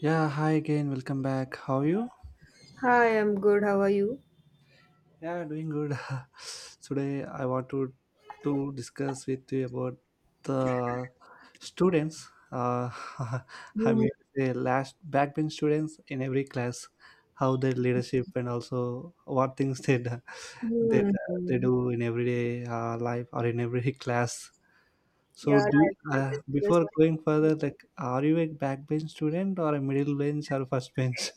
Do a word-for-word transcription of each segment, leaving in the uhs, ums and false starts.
Yeah, hi again. Welcome back. How are you? Hi, I'm good. How are you? Yeah, doing good. Today I want to to discuss with you about the students. Uh, I Mhm. mean, the last backbench students in every class, how their leadership and also what things they do, they, they Mhm. do in everyday uh, life or in every class. Yeah, So, do that's it. uh, It's just before going further, like, are you a backbench student or a middle bench or first bench?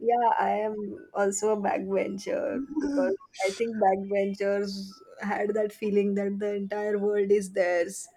yeah, I am also a backbencher because I think backbenchers had that feeling that the entire world is theirs.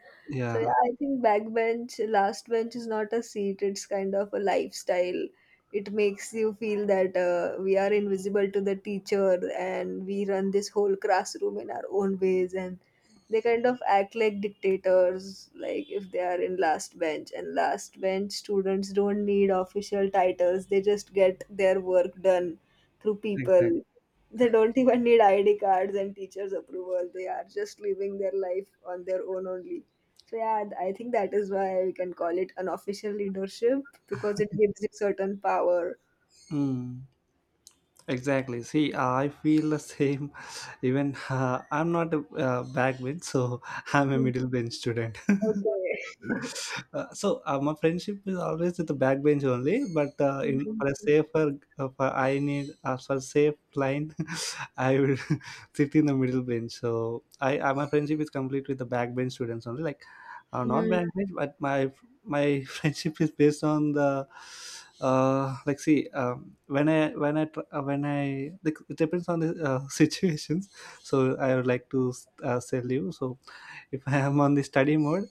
So Yeah, yeah, I think backbench, last bench is not a seat, it's kind of a lifestyle. It makes you feel that uh, we are invisible to the teacher and we run this whole classroom in our own ways, and they kind of act like dictators. Like if they are in last bench, and last bench students don't need official titles, they just get their work done through people. exactly. They don't even need ID cards and teachers approval, they are just living their life on their own only. So yeah, th- I think that is why we can call it unofficial leadership, because it gives you certain power. Mm, exactly. See, I feel the same. Even uh, I'm not a uh, back bench, so I'm a Mm. middle bench student. Okay. Uh, so uh, my friendship is always with the backbench only, but uh, Mm, in for a mm, safer, uh, for I need, uh, for safe line, I will sit in the middle bench. So I, uh, my friendship is complete with the backbench students only, like, uh, not backbench, but my my friendship is based on the, uh like, see, um, when i when i tr- uh, when I, like, it depends on the, uh, situations. So I would like to, uh, tell you. So if I am on the study mode,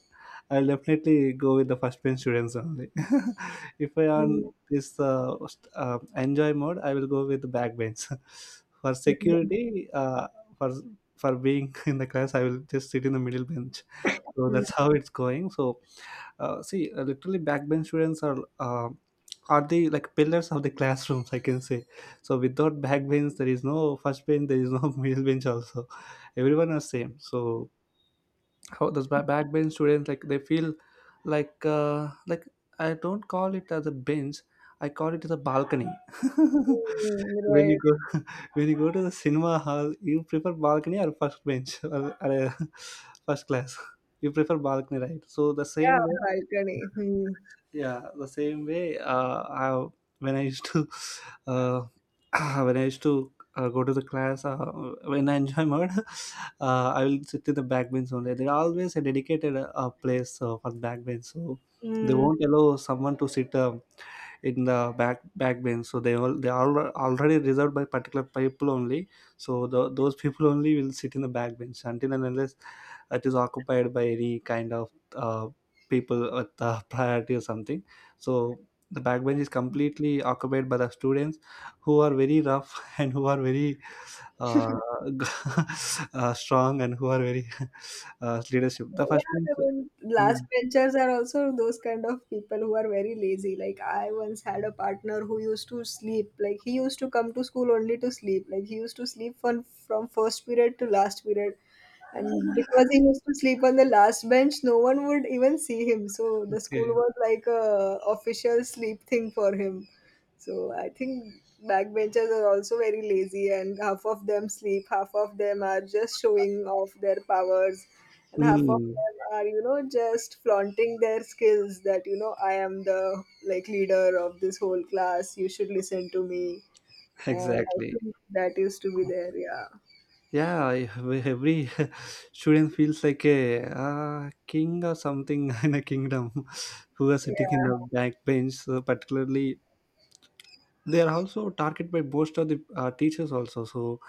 I'll definitely go with the first bench students only. If I mm, on this, uh, st- uh, enjoy mode, I will go with the back bench. For mm, security, uh, for for being in the class, I will just sit in the middle bench. So that's mm. how it's going. So, uh, see, uh, literally, backbench students are. Uh, are the, like, pillars of the classrooms, I can say. So without back bench, there is no first bench, there is no middle bench also, everyone are same. So how those ba- backbench students, like, they feel, like, uh, like, I don't call it as a bench. I call it as a balcony. Mm, when you right. go When you go to the cinema hall, you prefer balcony or first bench, or, or uh, first class. You prefer balcony, right? So the Yeah, same way. balcony. Yeah, the same way uh I, when I used to uh when I used to, uh, go to the class, uh, when I enjoy mode. uh, I will sit in the back bench only. There are always a dedicated, uh, uh, place, uh, for back bench. So they Hmm. won't allow someone to sit, um, in the back back bench. So they all they are already reserved by particular people only. So the those people only will sit in the back bench, until and unless it is occupied by any kind of, uh, people with, uh, priority or something. So the backbench is completely occupied by the students who are very rough, and who are very, uh, uh, strong, and who are very uh, leadership, the first Yeah, bench. I mean, Mm, last benchers are also those kind of people who are very lazy. Like I once had a partner who used to sleep. Like he used to come to school only to sleep. Like he used to sleep from from first period to last period. And because he used to sleep on the last bench, no one would even see him. So the school okay. was like a official sleep thing for him. So I think backbenchers are also very lazy, and half of them sleep, half of them are just showing off their powers, and half of Mm, them are, you know, just flaunting their skills, that you know, I am the like leader of this whole class, you should listen to me. And I exactly. think that used to be there. Yeah. Yeah, I- every student feels like a, uh, king or something, in a kingdom, who are sitting in Yeah. the back bench. So particularly, they are also targeted by most of the, uh, teachers also. So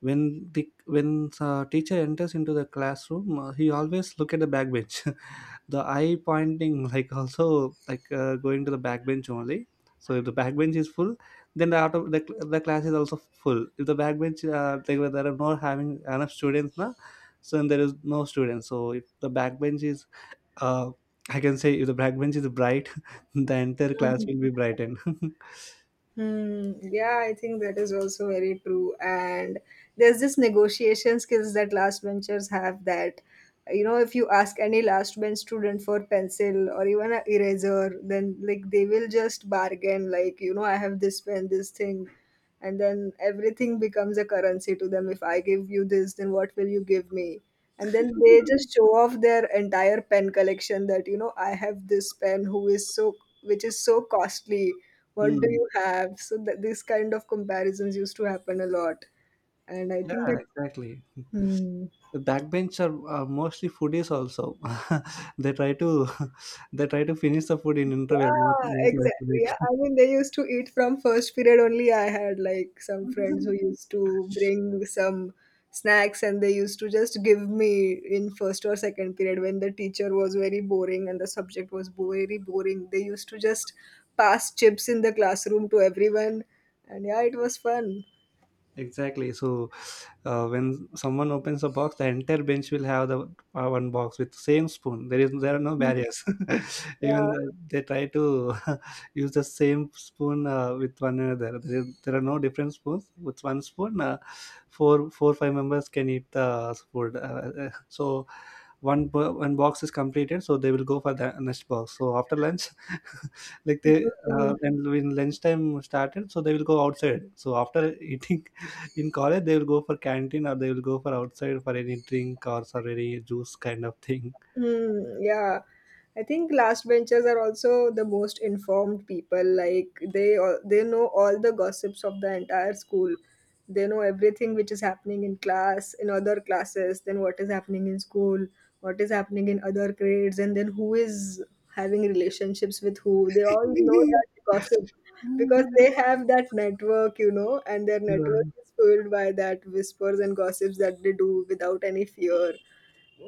when the when uh, teacher enters into the classroom, uh, he always look at the back bench. The eye pointing, like, also, like, uh, going to the back bench only. So if the back bench is full, then the, auto, the, cl- the class is also full. If the back bench, uh, like, where there are not having enough students now, so then there is no students. So if the back bench is uh, I can say, if the back bench is bright, the entire class will be brightened. Hmm. Yeah, I think that is also very true. And there's this negotiation skills that last benchers have that, you know, if you ask any last bench student for pencil or even an eraser, then like they will just bargain, like, you know, I have this pen, this thing. And then everything becomes a currency to them. If I give you this, then what will you give me? And then they just show off their entire pen collection, that you know, I have this pen who is so, which is so costly, what do Mm, you have? So that these kind of comparisons used to happen a lot. And I yeah, think that, exactly. hmm. The backbench are, are mostly foodies also. they try to They try to finish the food in interval, not Yeah, not like, exactly. break. Yeah. I mean, they used to eat from first period only. I had like some friends who used to bring some snacks, and they used to just give me in first or second period when the teacher was very boring and the subject was bo- very boring. They used to just pass chips in the classroom to everyone. And yeah, it was fun. Exactly. So, uh, when someone opens a box, the entire bench will have the, uh, one box with same spoon. There is there are no Mhm. barriers. Yeah. Even the, they try to use the same spoon, uh, with one another. There, is- there are no different spoons. With one spoon, uh, four four five members can eat the food. Uh, so one bo- one box is completed, so they will go for the next box. So after lunch, like they Mm. uh, and when lunchtime started, so they will go outside. So after eating in college, they will go for canteen or they will go for outside for any drink or for any juice kind of thing. Hmm, yeah. I think last benchers are also the most informed people. Like they all, they know all the gossips of the entire school. They know everything which is happening in class, in other classes, then what is happening in school, what is happening in other grades, and then who is having relationships with who. They all know that gossip because they have that network, you know, and their network Yeah, is filled by that whispers and gossips that they do without any fear.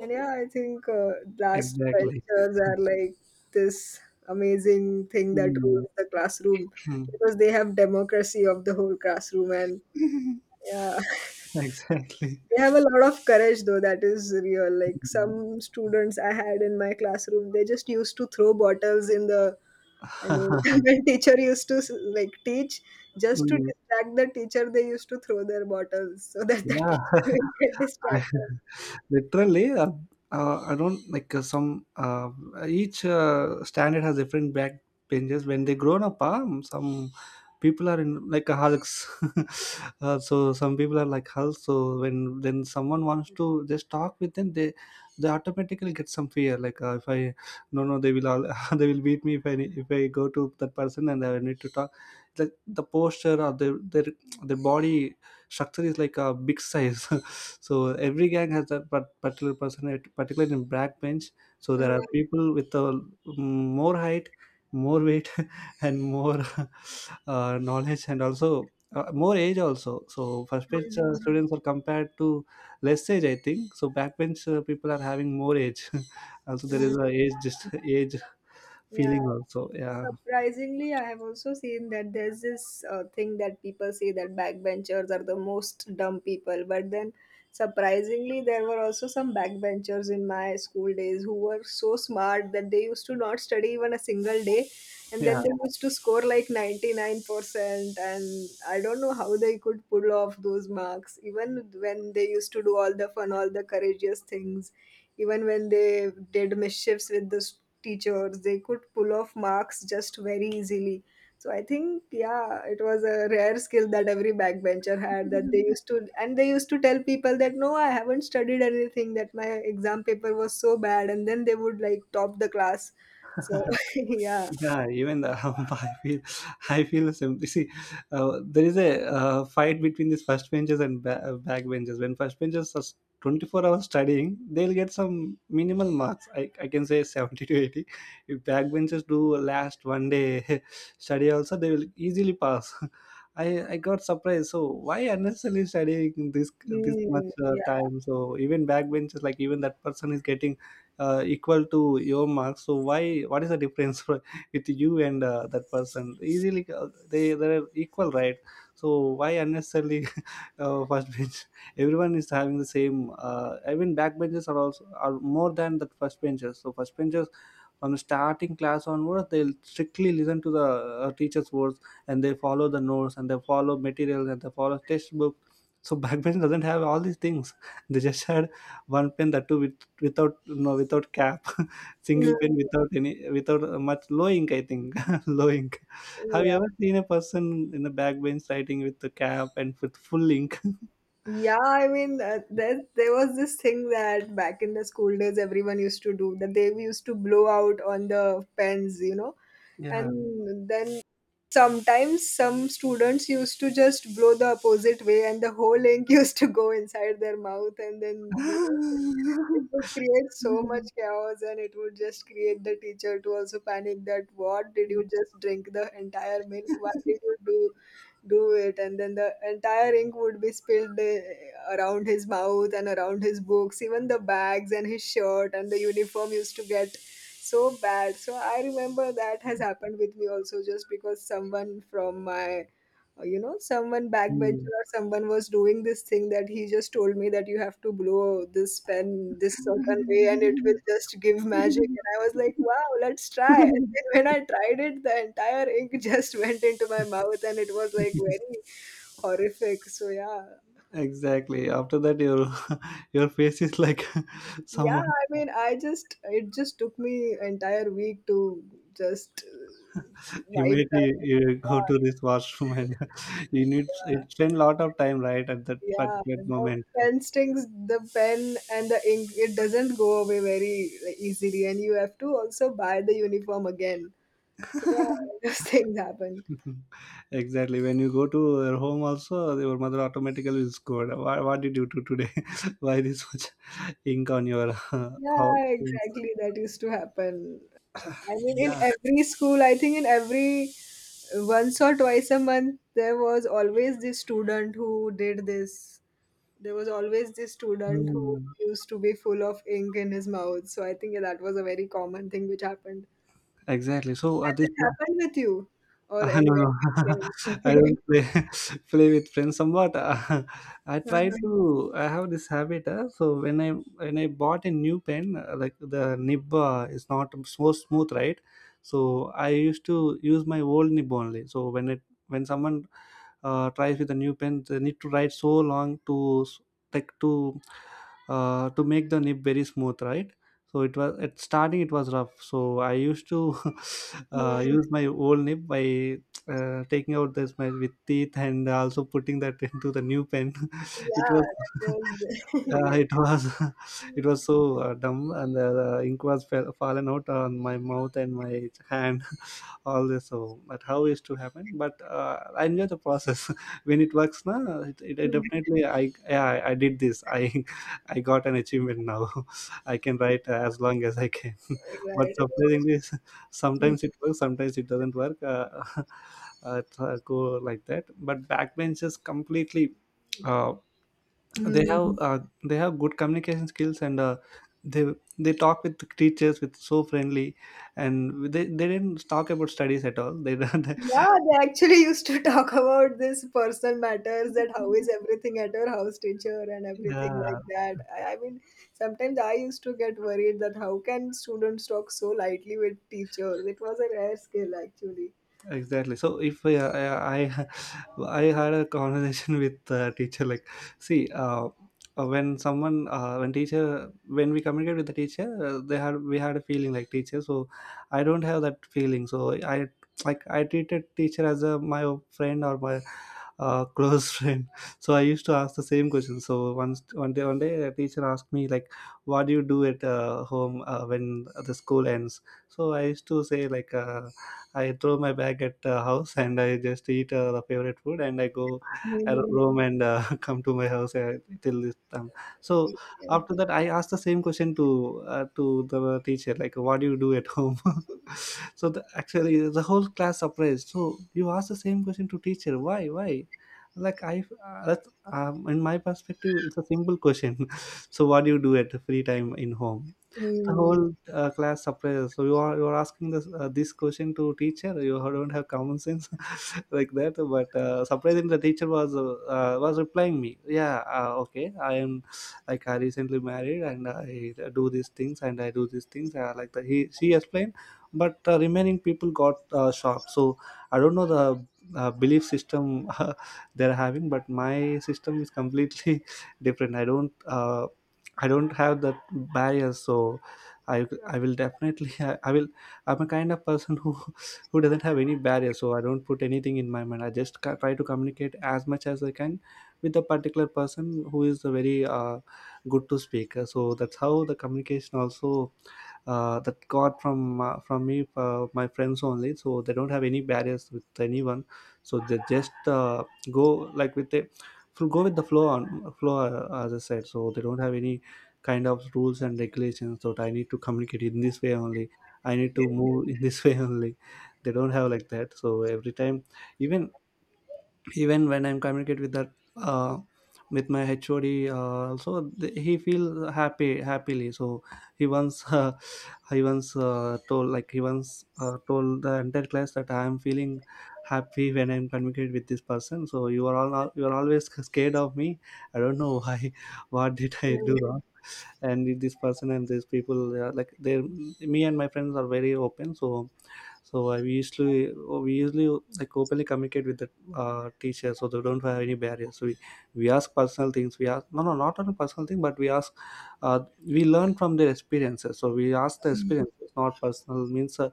And yeah, I think uh, blast exactly. cultures are like this amazing thing that Mm. rules the classroom, Mm. because they have democracy of the whole classroom. And yeah, Exactly. they have a lot of courage though. That is real. Like Mm. some students I had in my classroom, they just used to throw bottles in the. I mean, when teacher used to like teach, just to distract the teacher. They used to throw their bottles so that the Yeah, teacher would get I, distracted. literally, uh, uh, I don't like, uh, some. Uh, each, uh, standard has different back benches. When they grown up, um, some people are in like a hulks. Uh, so some people are like hulks. So when then someone wants to just talk with them, they they automatically get some fear. Like, uh, if I no, no, they will all, they will beat me if I if I go to that person, and I need to talk. Like the posture or their their their body structure is like a big size. So every gang has that par- particular person, at- particularly in backbench. So Uh, there are people with a, mm, more height, more weight, and more, uh, knowledge, and also, uh, more age also. So first bench, uh, mm, students are compared to less age, I think. So backbench, uh, people are having more age. Also, there mm, is a age, just age yeah. feeling also. Yeah. Surprisingly, I have also seen that there's this uh, thing that people say that backbenchers are the most dumb people. But then, surprisingly, there were also some backbenchers in my school days who were so smart that they used to not study even a single day. And Yeah. then they used to score like ninety-nine percent. And I don't know how they could pull off those marks, even when they used to do all the fun, all the courageous things, even when they did mischiefs with the s- teachers, they could pull off marks just very easily. So I think, yeah, it was a rare skill that every backbencher had, that they used to, and they used to tell people that no, I haven't studied anything, that my exam paper was so bad. And then they would like top the class. So, yeah. Yeah, even the I feel, I feel, simply, see. Uh, there is a, uh, fight between these first benches and ba- uh, back benches. When first benches are, s- twenty-four hours studying, they'll get some minimal marks. I, I can say seventy to eighty. If back benches do a last one day study also, they will easily pass. I, I got surprised. So why unnecessarily studying this this much, Mm, uh, yeah. time? So even backbenchers, like, even that person is getting, uh, equal to your marks. So why? What is the difference? With you and, uh, that person, easily, uh, they they're equal, right? So why unnecessarily, uh, first bench, everyone is having the same, uh, even back benches are also are more than the first benches. So first benches, from the starting class onwards, they'll strictly listen to the, uh, teacher's words, and they follow the notes, and they follow materials, and they follow textbook. So backbench doesn't have all these things. They just had one pen, that too with, without, no, without cap, Mm, single pen without any, without uh, much low ink, I think. Low ink. Have you yeah. ever seen a person in the backbench writing with the cap and with full ink? Yeah, I mean, uh, there, there was this thing that back in the school days, everyone used to do, that they used to blow out on the pens, you know, Yeah. and then sometimes some students used to just blow the opposite way, and the whole ink used to go inside their mouth, and then you know, it would create so much chaos, and it would just create the teacher to also panic, that what did you just drink the entire milk? Why did you do do it? And then the entire ink would be spilled uh, around his mouth and around his books, even the bags and his shirt and the uniform used to get so bad. So I remember that has happened with me also, just because someone from my, uh, you know, someone Mm. backbencher or someone was doing this thing, that he just told me that you have to blow this pen this certain way and it will just give magic. And I was like, wow, let's try. And then when I tried it, the entire ink just went into my mouth, and it was like very horrific. So yeah. Exactly. After that, your your face is like Yeah, someone. I mean, I just, it just took me entire week to just uh, wipe that. Immediately you go to Yeah. this washroom, and you need Yeah. it, spend lot of time, right, at that Yeah, particular the moment. pen stings, the pen and the ink. It doesn't go away very like, easily, and you have to also buy the uniform again. So yeah, those things happen. Exactly. When you go to your home, also your mother automatically will scold. What, what did you do today? Why this much ink on your uh, house? Yeah, exactly. That used to happen. I mean, in Yeah. every school, I think in every once or twice a month, there was always this student who did this. There was always this student who Hmm. used to be full of ink in his mouth. So I think that was a very common thing which happened. Exactly. So Has at this, it happened with you or Uh, any of no, your no. friends? I Okay. don't play, play with friends. Somewhat, uh, I try Uh-huh. to. I have this habit. Uh, so when I when I bought a new pen, uh, like, the nib, uh, is not so smooth, right? So I used to use my old nib only. So when it when someone uh, tries with a new pen, they need to write so long to s- like to uh, to make the nib very smooth, right? So it was at starting it was rough. So i used to uh, Hmm. use my old nib by uh, taking out this my with teeth and also putting that into the new pen. it Yeah, was that was uh, yes. it was Hmm. it was so uh, dumb, and the, the ink was fell, fallen out on my mouth and my hand. All this. So but how is to happen? But uh, i enjoy the process when it works, na. It, it, I definitely i yeah I, I did this. I i got an achievement now. i can write uh, as long as i can. But Right. surprisingly, s- sometimes it works, sometimes it doesn't work. Uh, uh, it, uh, go like that. But backbenchers completely, uh, they have Hmm. uh, they have good communication skills, and uh, they they talk with teachers with so friendly, and they, they didn't talk about studies at all. They don't. Yeah, they actually used to talk about this personal matters, that how is everything at your house teacher and everything Yeah, like that. I, I mean, sometimes I used to get worried that how can students talk so lightly with teachers? It was a rare skill actually. exactly. So if I I, I I had a conversation with the teacher, like, see. Uh, uh, when someone uh, when teacher when we communicate with the teacher, uh, they had we had a feeling like teacher. So i don't have that feeling, so i like I treated teacher as a my friend or my uh, close friend. So i used to ask the same question. So once one day one day a teacher asked me, like, what do you do at uh, home uh, when the school ends? So i used to say like, uh, I throw my bag at the house and I just eat uh, the favorite food and I go. I Hmm. roam and uh, come to my house uh, till this time. So Yeah. after that, I asked the same question to uh, to the teacher, like, "What do you do at home?" So the, actually, the whole class surprised. So you ask the same question to teacher? Why? Why? Like I, uh, that's, um, in my perspective, it's a simple question. So what do you do at free time in home? The Hmm. whole uh, class surprises. So you are you are asking this uh, this question to teacher? You don't have common sense. Like that. But uh, surprisingly, the teacher was uh, uh, was replying me. Yeah, uh, okay. I am like I recently married and I do these things and I do these things. Uh, like the, he she explained, but uh, remaining people got uh, shocked. So I don't know the uh, belief system they're having, but my system is completely different. I don't. Uh, I don't have that barrier. So I I will definitely I, I will I'm a kind of person who who doesn't have any barrier, so I don't put anything in my mind. I just ca- try to communicate as much as I can with a particular person who is a very uh, good to speak. Uh, So that's how the communication also uh, that got from uh, from me uh, my friends only. So they don't have any barriers with anyone. So they just uh, go like with the fl- go with the flow on flow, uh, as I said. So they don't have any kind of rules and regulations that I need to communicate in this way only. I need to move in this way only. They don't have like that. So every time, even even when I'm communicate with that uh, with my H O D, uh, also th- he feel happy happily. So he once uh, he once uh, told like he once uh, told the entire class that I am feeling happy when I'm communicate with this person. So you are all you are always scared of me. I don't know why. What did I do wrong? And need this person and these people they are like they me and my friends are very open. So so I we usually we usually like openly communicate with the uh, teacher. So they don't have any barriers. We we ask personal things. We ask, no, no, not on a personal thing, but we ask, uh, we learn from their experiences. So we ask the experiences, not personal, means uh,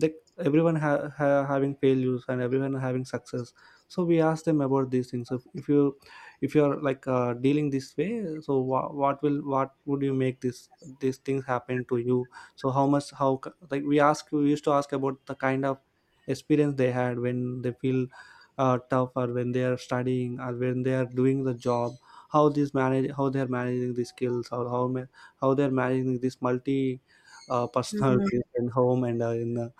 like everyone ha- ha- having failures and everyone having success. So we ask them about these things. So if you if you're like uh, dealing this way, so wha- what will what would you make this these things happen to you? So how much how c- like we ask we used to ask about the kind of experience they had when they feel uh, tough or when they are studying or when they are doing the job. How these manage, how they are managing the skills, or how ma- how they are managing this multi uh, Hmm. personalities in home and uh, in uh,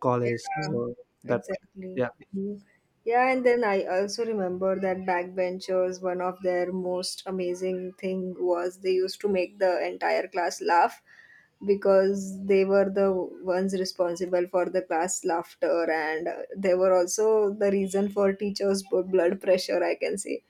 college. Yeah, So that, exactly. yeah, Mhm. Yeah, and then I also remember that backbenchers, one of their most amazing thing was they used to make the entire class laugh, because they were the ones responsible for the class laughter. And uh, they were also the reason for teachers' blood pressure, I can say.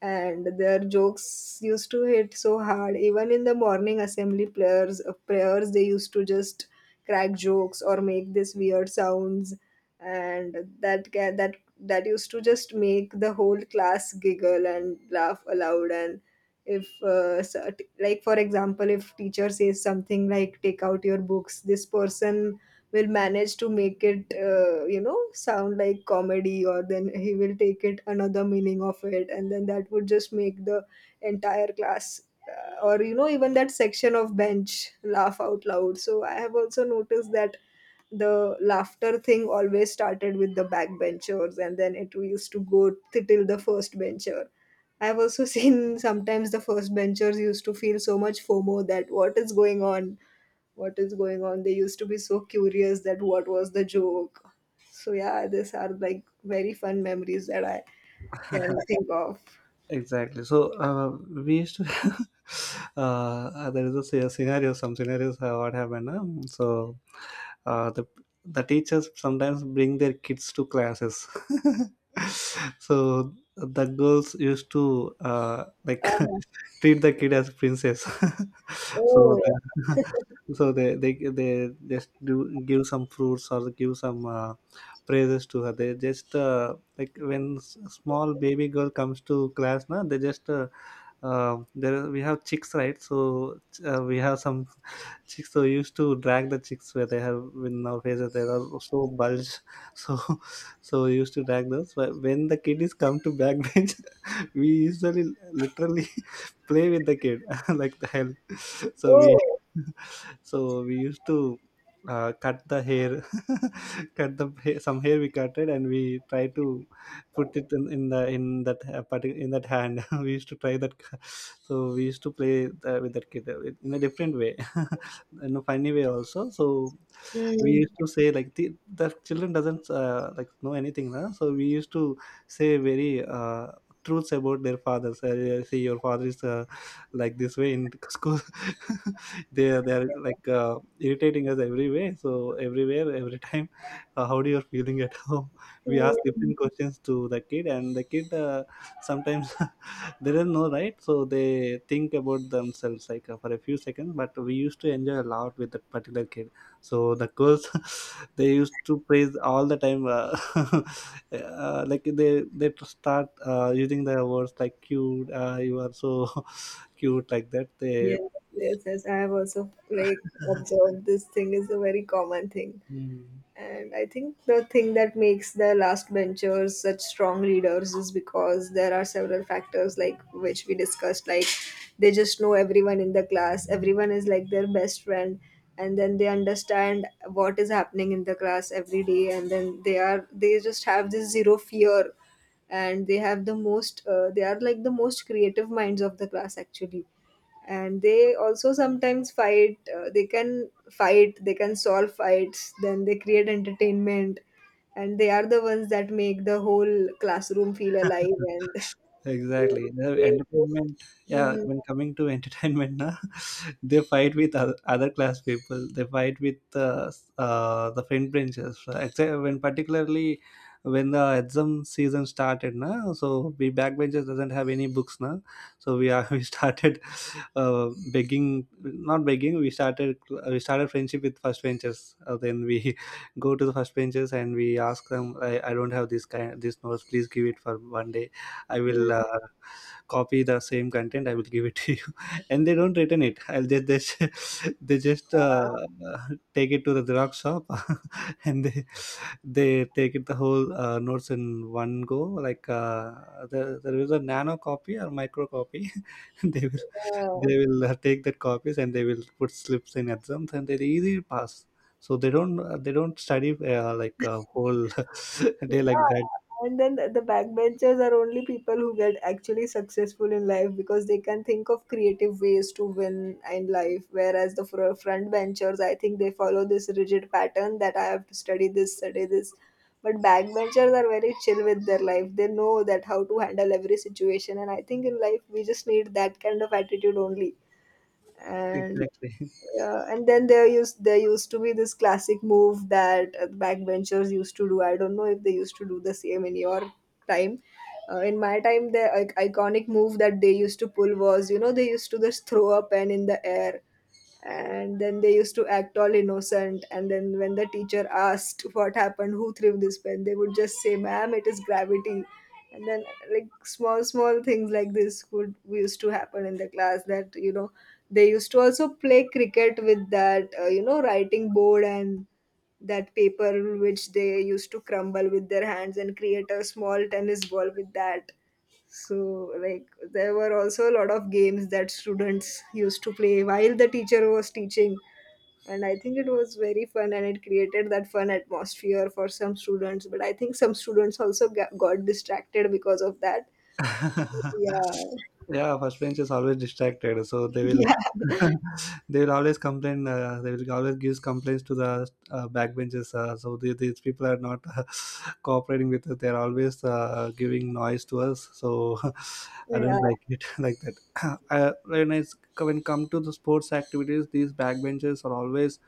And their jokes used to hit so hard, even in the morning assembly prayers, uh, prayers they used to just crack jokes or make this weird sounds. And that ca- that that used to just make the whole class giggle and laugh aloud. And if uh, so- like for example, if teacher says something like take out your books, this person will manage to make it, uh, you know, sound like comedy, or then he will take it another meaning of it, and then that would just make the entire class, uh, or you know, even that section of bench laugh out loud. So I have also noticed that the laughter thing always started with the backbenchers, and then it used to go t- till the first bencher. I've also seen sometimes the first benchers used to feel so much FOMO that what is going on, what is going on. They used to be so curious that what was the joke. So yeah, these are like very fun memories that I can think of. exactly. So uh, we used to uh, there is a sce- scenario. Some scenarios uh, what happened. uh, so uh, the the teachers sometimes bring their kids to classes. So the girls used to uh, like treat the kid as princess. So Oh. the- so they they they just do give some fruits or give some uh, praises to her. They just uh, like when s- small baby girl comes to class, na. They just uh, uh, there we have chicks, right? So uh, we have some chicks who used to drag the chicks where they have in our faces. They are so bulge. So so we used to drag those. But when the kid is come to backbench, we usually literally play with the kid like the hell. So we Oh. so we used to uh, cut the hair. Cut the hair, some hair we cut it and we try to put it in, in the in that uh, parti- in that hand. We used to try that c- so we used to play the, with that kid uh, with- in a different way in a funny way also. So we Mm, used to say like the, the children doesn't uh, like know anything, huh? So we used to say very uh, truths about their fathers. Uh, yeah, see, your father is uh, like this way in school. They are they are like uh, irritating us every way. So everywhere, every time, uh, how do you feeling at home? We ask mm. different questions to the kid, and the kid uh, sometimes they don't know, right? So they think about themselves like uh, for a few seconds. But we used to enjoy a lot with that particular kid. So the girls, they used to praise all the time. Uh, uh, like they they start uh, using the words like cute. Uh, you are so cute, like that they yes yes yes I have also like observed this thing is a very common thing. Mm. And I think the thing that makes the last benchers such strong leaders is because there are several factors like which we discussed, like they just know everyone in the class, everyone is like their best friend, and then they understand what is happening in the class every day, and then they are they just have this zero fear, and they have the most uh, they are like the most creative minds of the class actually, and they also sometimes fight, uh, they can fight, they can solve fights, then they create entertainment, and they are the ones that make the whole classroom feel alive. And they, Exactly. The they just entertainment, yeah, Mhm. when coming to entertainment, na, they fight with other, other class people. They fight with uh, s- uh, the friend branches. Uh, Except when particularly when the exam season started, na, so we backbenchers doesn't have any books, na, so we are we started uh, begging, not begging. We started we started friendship with first benchers. Uh, then we go to the first benchers and we ask them, I, I don't have this kind this notes. Please give it for one day. I Yeah. will uh, copy the same content. I will give it to you, and they don't return it. I'll just they, just- they just uh, take it to the Xerox shop, and they they take it the whole uh, notes in one go. Like uh, there, there is a nano copy or micro copy. They will Yeah. they will uh, take that copies and they will put slips in exams and they're easy pass. So they don't uh, they don't study uh, like a whole Yeah, day like that. and then the backbenchers are only people who get actually successful in life because they can think of creative ways to win in life. Whereas the fr- front benchers, I think they follow this rigid pattern that I have to study this, study this. But backbenchers are very chill with their life. They know that how to handle every situation, and I think in life we just need that kind of attitude only. And Exactly. uh, and then there used there used to be this classic move that uh, backbenchers used to do. I don't know if they used to do the same in your time. Uh, in my time, the I- iconic move that they used to pull was, you know, they used to just throw a pen in the air, and then they used to act all innocent. And then when the teacher asked what happened, who threw this pen, they would just say, "Ma'am, it is gravity." And then like small small things like this would used to happen in the class that you know they used to also play cricket with that, uh, you know, writing board, and that paper which they used to crumble with their hands and create a small tennis ball with that. So like there were also a lot of games that students used to play while the teacher was teaching, and I think it was very fun and it created that fun atmosphere for some students, but I think some students also got, got distracted because of that. Yeah. Yeah, first bench is always distracted, so they will Yeah. they will always complain. Uh, they will always give complaints to the uh, back benches. Uh, so the, these people are not uh, cooperating with us. They are always uh, giving noise to us. So I Yeah. don't like it. Like that. I, when it's when come to the sports activities, these back benches are always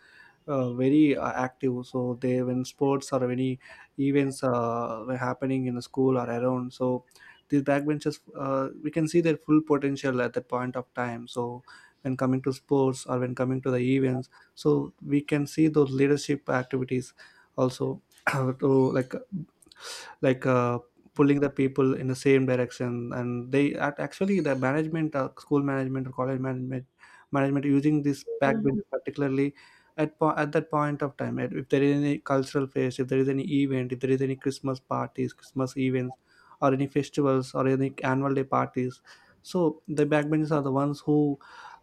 uh, very uh, active. So they when sports or any events uh, were happening in the school or around, so these backbenchers uh, we can see their full potential at that point of time. So when coming to sports or when coming to the events, so we can see those leadership activities also. to Like like uh, pulling the people in the same direction. And they act- actually the management, uh, school management or college management, management using this Mhm. backbenches particularly at, po- at that point of time, at- if there is any cultural phase, if there is any event, if there is any Christmas parties, Christmas events or any festivals or any annual day parties, so the backbenchers are the ones who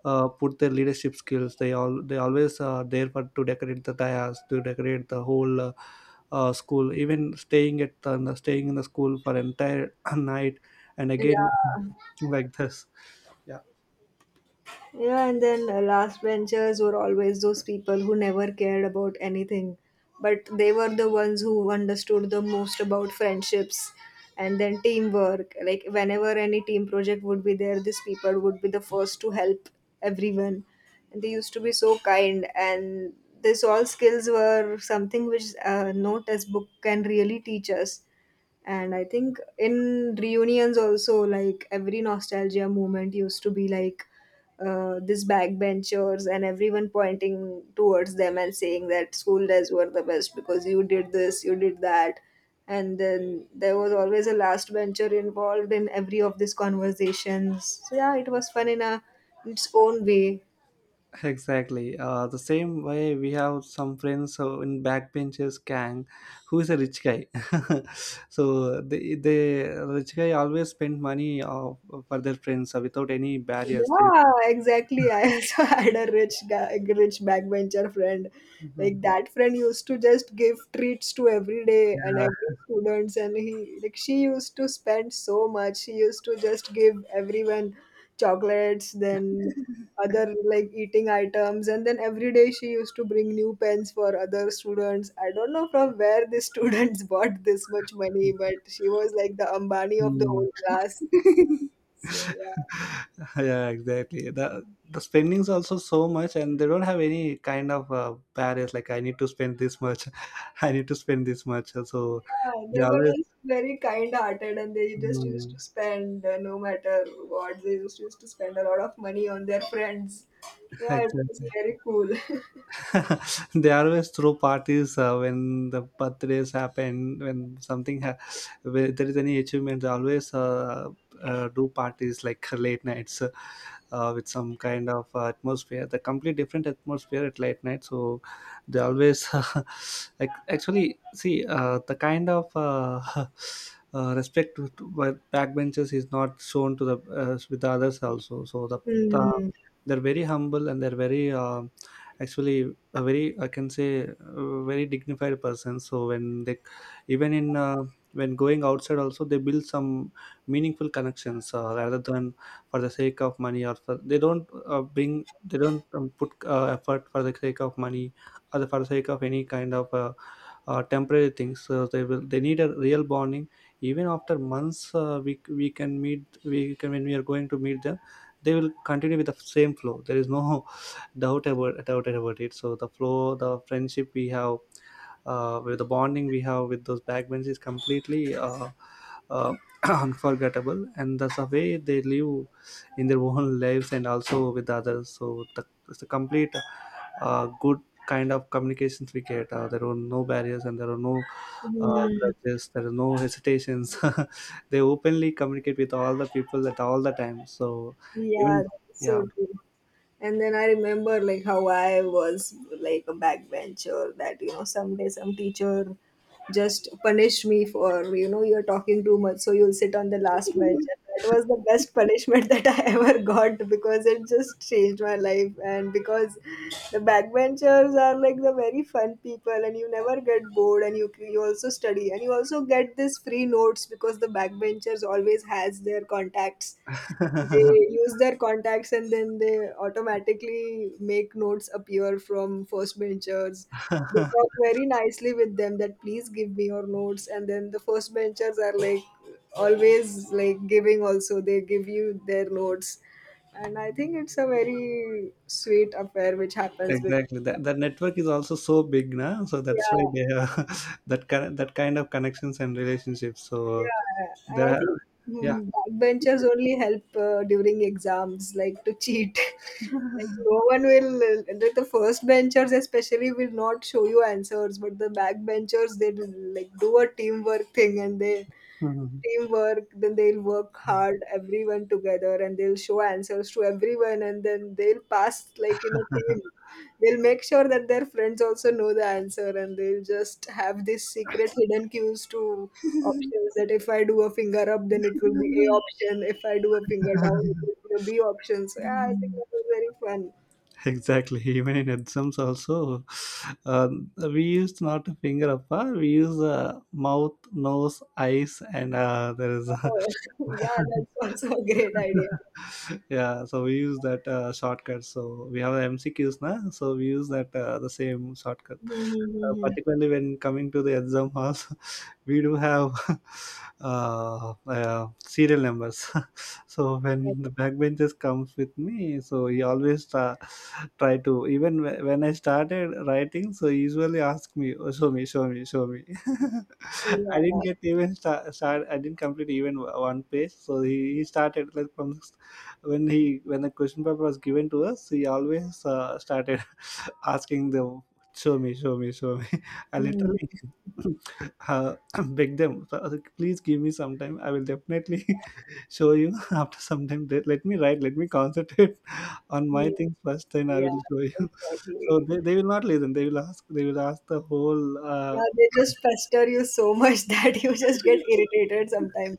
uh, put their leadership skills. They all they always are there for to decorate the dais, to decorate the whole uh, uh, school, even staying at the, staying in the school for entire night and again Yeah. like this. Yeah, Yeah, and then uh, last benchers were always those people who never cared about anything, but they were the ones who understood the most about friendships and then teamwork. Like, whenever any team project would be there, these people would be the first to help everyone. And they used to be so kind, and these all skills were something which uh, no textbook can really teach us. And I think in reunions also, like every nostalgia moment used to be like uh, this backbenchers and everyone pointing towards them and saying that school days were the best because you did this, you did that. And then there was always a last bencher involved in every of these conversations. So yeah, it was fun in a its own way. exactly, uh, the same way we have some friends uh, in backbenchers gang who is a rich guy. So the the rich guy always spend money uh, for their friends uh, without any barriers. They- Yeah, exactly. I also had a rich guy, rich backbencher friend. Mhm. Like that friend used to just give treats to every day and Yeah. every students, and he like she used to spend so much. She used to just give everyone chocolates, then other like eating items, and then every day she used to bring new pens for other students. I don't know from where the students bought this much money, but she was like the Ambani of the Hmm. whole class. So yeah. Yeah, exactly. The the spending's also so much, and they don't have any kind of uh, barriers like I need to spend this much. I need to spend this much. So Yeah, they they were always just very kind-hearted, and they just used Mm, to spend, uh, no matter what, they just used to spend a lot of money on their friends. Yeah, it exactly. was very cool. They always throw parties uh, when the birthdays happen, when something ha- where there is any achievement, they always uh, uh, do parties like late nights, uh, uh, with some kind of uh, atmosphere, the complete different atmosphere at late night. So they always like actually see uh, the kind of uh, uh, respect to, to by backbenchers is not shown to the uh, with the others also. So the, the Hmm. they're very humble, and they're very um actually a very I can say a very dignified person. So when they even in uh, when going outside also they build some meaningful connections uh, rather than for the sake of money or for, they don't uh, bring they don't um, put uh, effort for the sake of money or for the sake of any kind of uh, uh, temporary things. So they will they need a real bonding. Even after months, uh, we, we can meet, we can when we are going to meet them, they will continue with the same flow. There is no doubt about doubt about it. So the flow, the friendship we have uh, with the bonding we have with those backbenches is completely uh, uh, unforgettable. And that's the way they live in their own lives and also with others. So the, it's a complete uh, good kind of communications we get. Uh, there are no barriers, and there are no uh, Hmm. grudges, there are no hesitations. They openly communicate with all the people at all the time. So Yeah, even that's yeah. so true. And then I remember like how I was like a backbencher that you know someday some teacher just punished me for you know you're talking too much so you'll sit on the last bench, and that was the best punishment that I ever got because it just changed my life. And because the backbenchers are like the very fun people and you never get bored, and you you also study and you also get this free notes because the backbenchers always has their contacts. They use their contacts and then they automatically make notes appear from first benchers. They talk very nicely with them that please give me your notes, and then the first benchers are like always like giving, also they give you their notes, and I think it's a very sweet affair which happens with Exactly. That the network is also so big now, so that's why yeah. they have that kind that kind of connections and relationships. So Yeah, and there I are, think yeah. mm, backbenchers only help uh, during exams, like to cheat. Like no one will, uh, like the first benchers especially will not show you answers, but the backbenchers they do, like do a teamwork thing, and they teamwork then they'll work hard everyone together and they'll show answers to everyone and then they'll pass like in a team. They'll make sure that their friends also know the answer, and they'll just have this secret hidden cues to options that if I do a finger up then it will be A option, if I do a finger down it will be a B option. So yeah, I think Mhm. that was very fun. Exactly. Even in exams also, um, we used not a finger apart. We use uh, mouth, nose, eyes, and uh, there is. Oh, yeah, that's also a great idea. Yeah, so we use that uh, shortcut. So we have MCQs now, so we use that uh, the same shortcut uh, Mm-hmm. particularly when coming to the exam halls. We do have uh, uh, serial numbers. So when the backbenches comes with me, so he always try, try to even wh- when I started writing, so he usually ask me, oh, show me, show me, show me. Yeah. I didn't get even start, start. I didn't complete even o- one page. So he, he started like from s- when he when the question paper was given to us. He always uh, started asking the show me, show me, show me. I Mm. literally uh, begged them, "So, uh, please give me some time. I will definitely show you after some time. Let let me write. Let me concentrate on Mm. my things first. Then I Yeah, will show you." So exactly. they, they will not listen. They will ask. They will ask the whole. Uh, Yeah, they just pester you so much that you just get irritated sometimes.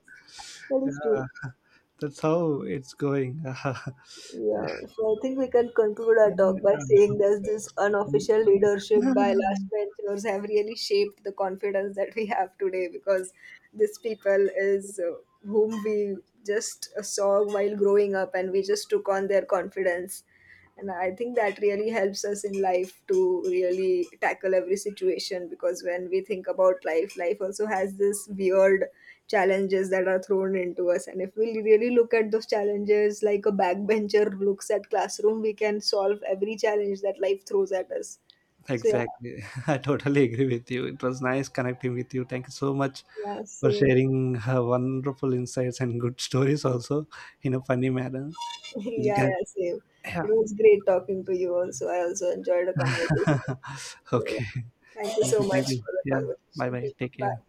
That is Yeah, true. that's how it's going. Yeah. So I think we can conclude our talk by Yeah. saying that this unofficial leadership by last mentors have really shaped the confidence that we have today, because this people is uh, whom we just saw while growing up, and we just took on their confidence, and I think that really helps us in life to really tackle every situation because when we think about life, life also has this weird challenges that are thrown into us, and if we really look at those challenges like a backbencher looks at classroom, we can solve every challenge that life throws at us. So yeah. Exactly. I totally agree with you. It was nice connecting with you. Thank you so much Yeah, for same. sharing uh, wonderful insights and good stories also in a funny manner. We'll Yeah, get, yeah, same. yeah. It was great talking to you also, I also enjoyed the conversation. So Okay. yeah, thank you Thank so you. Thank much you. for the Yeah. Bye conversation. bye. Take Bye. care.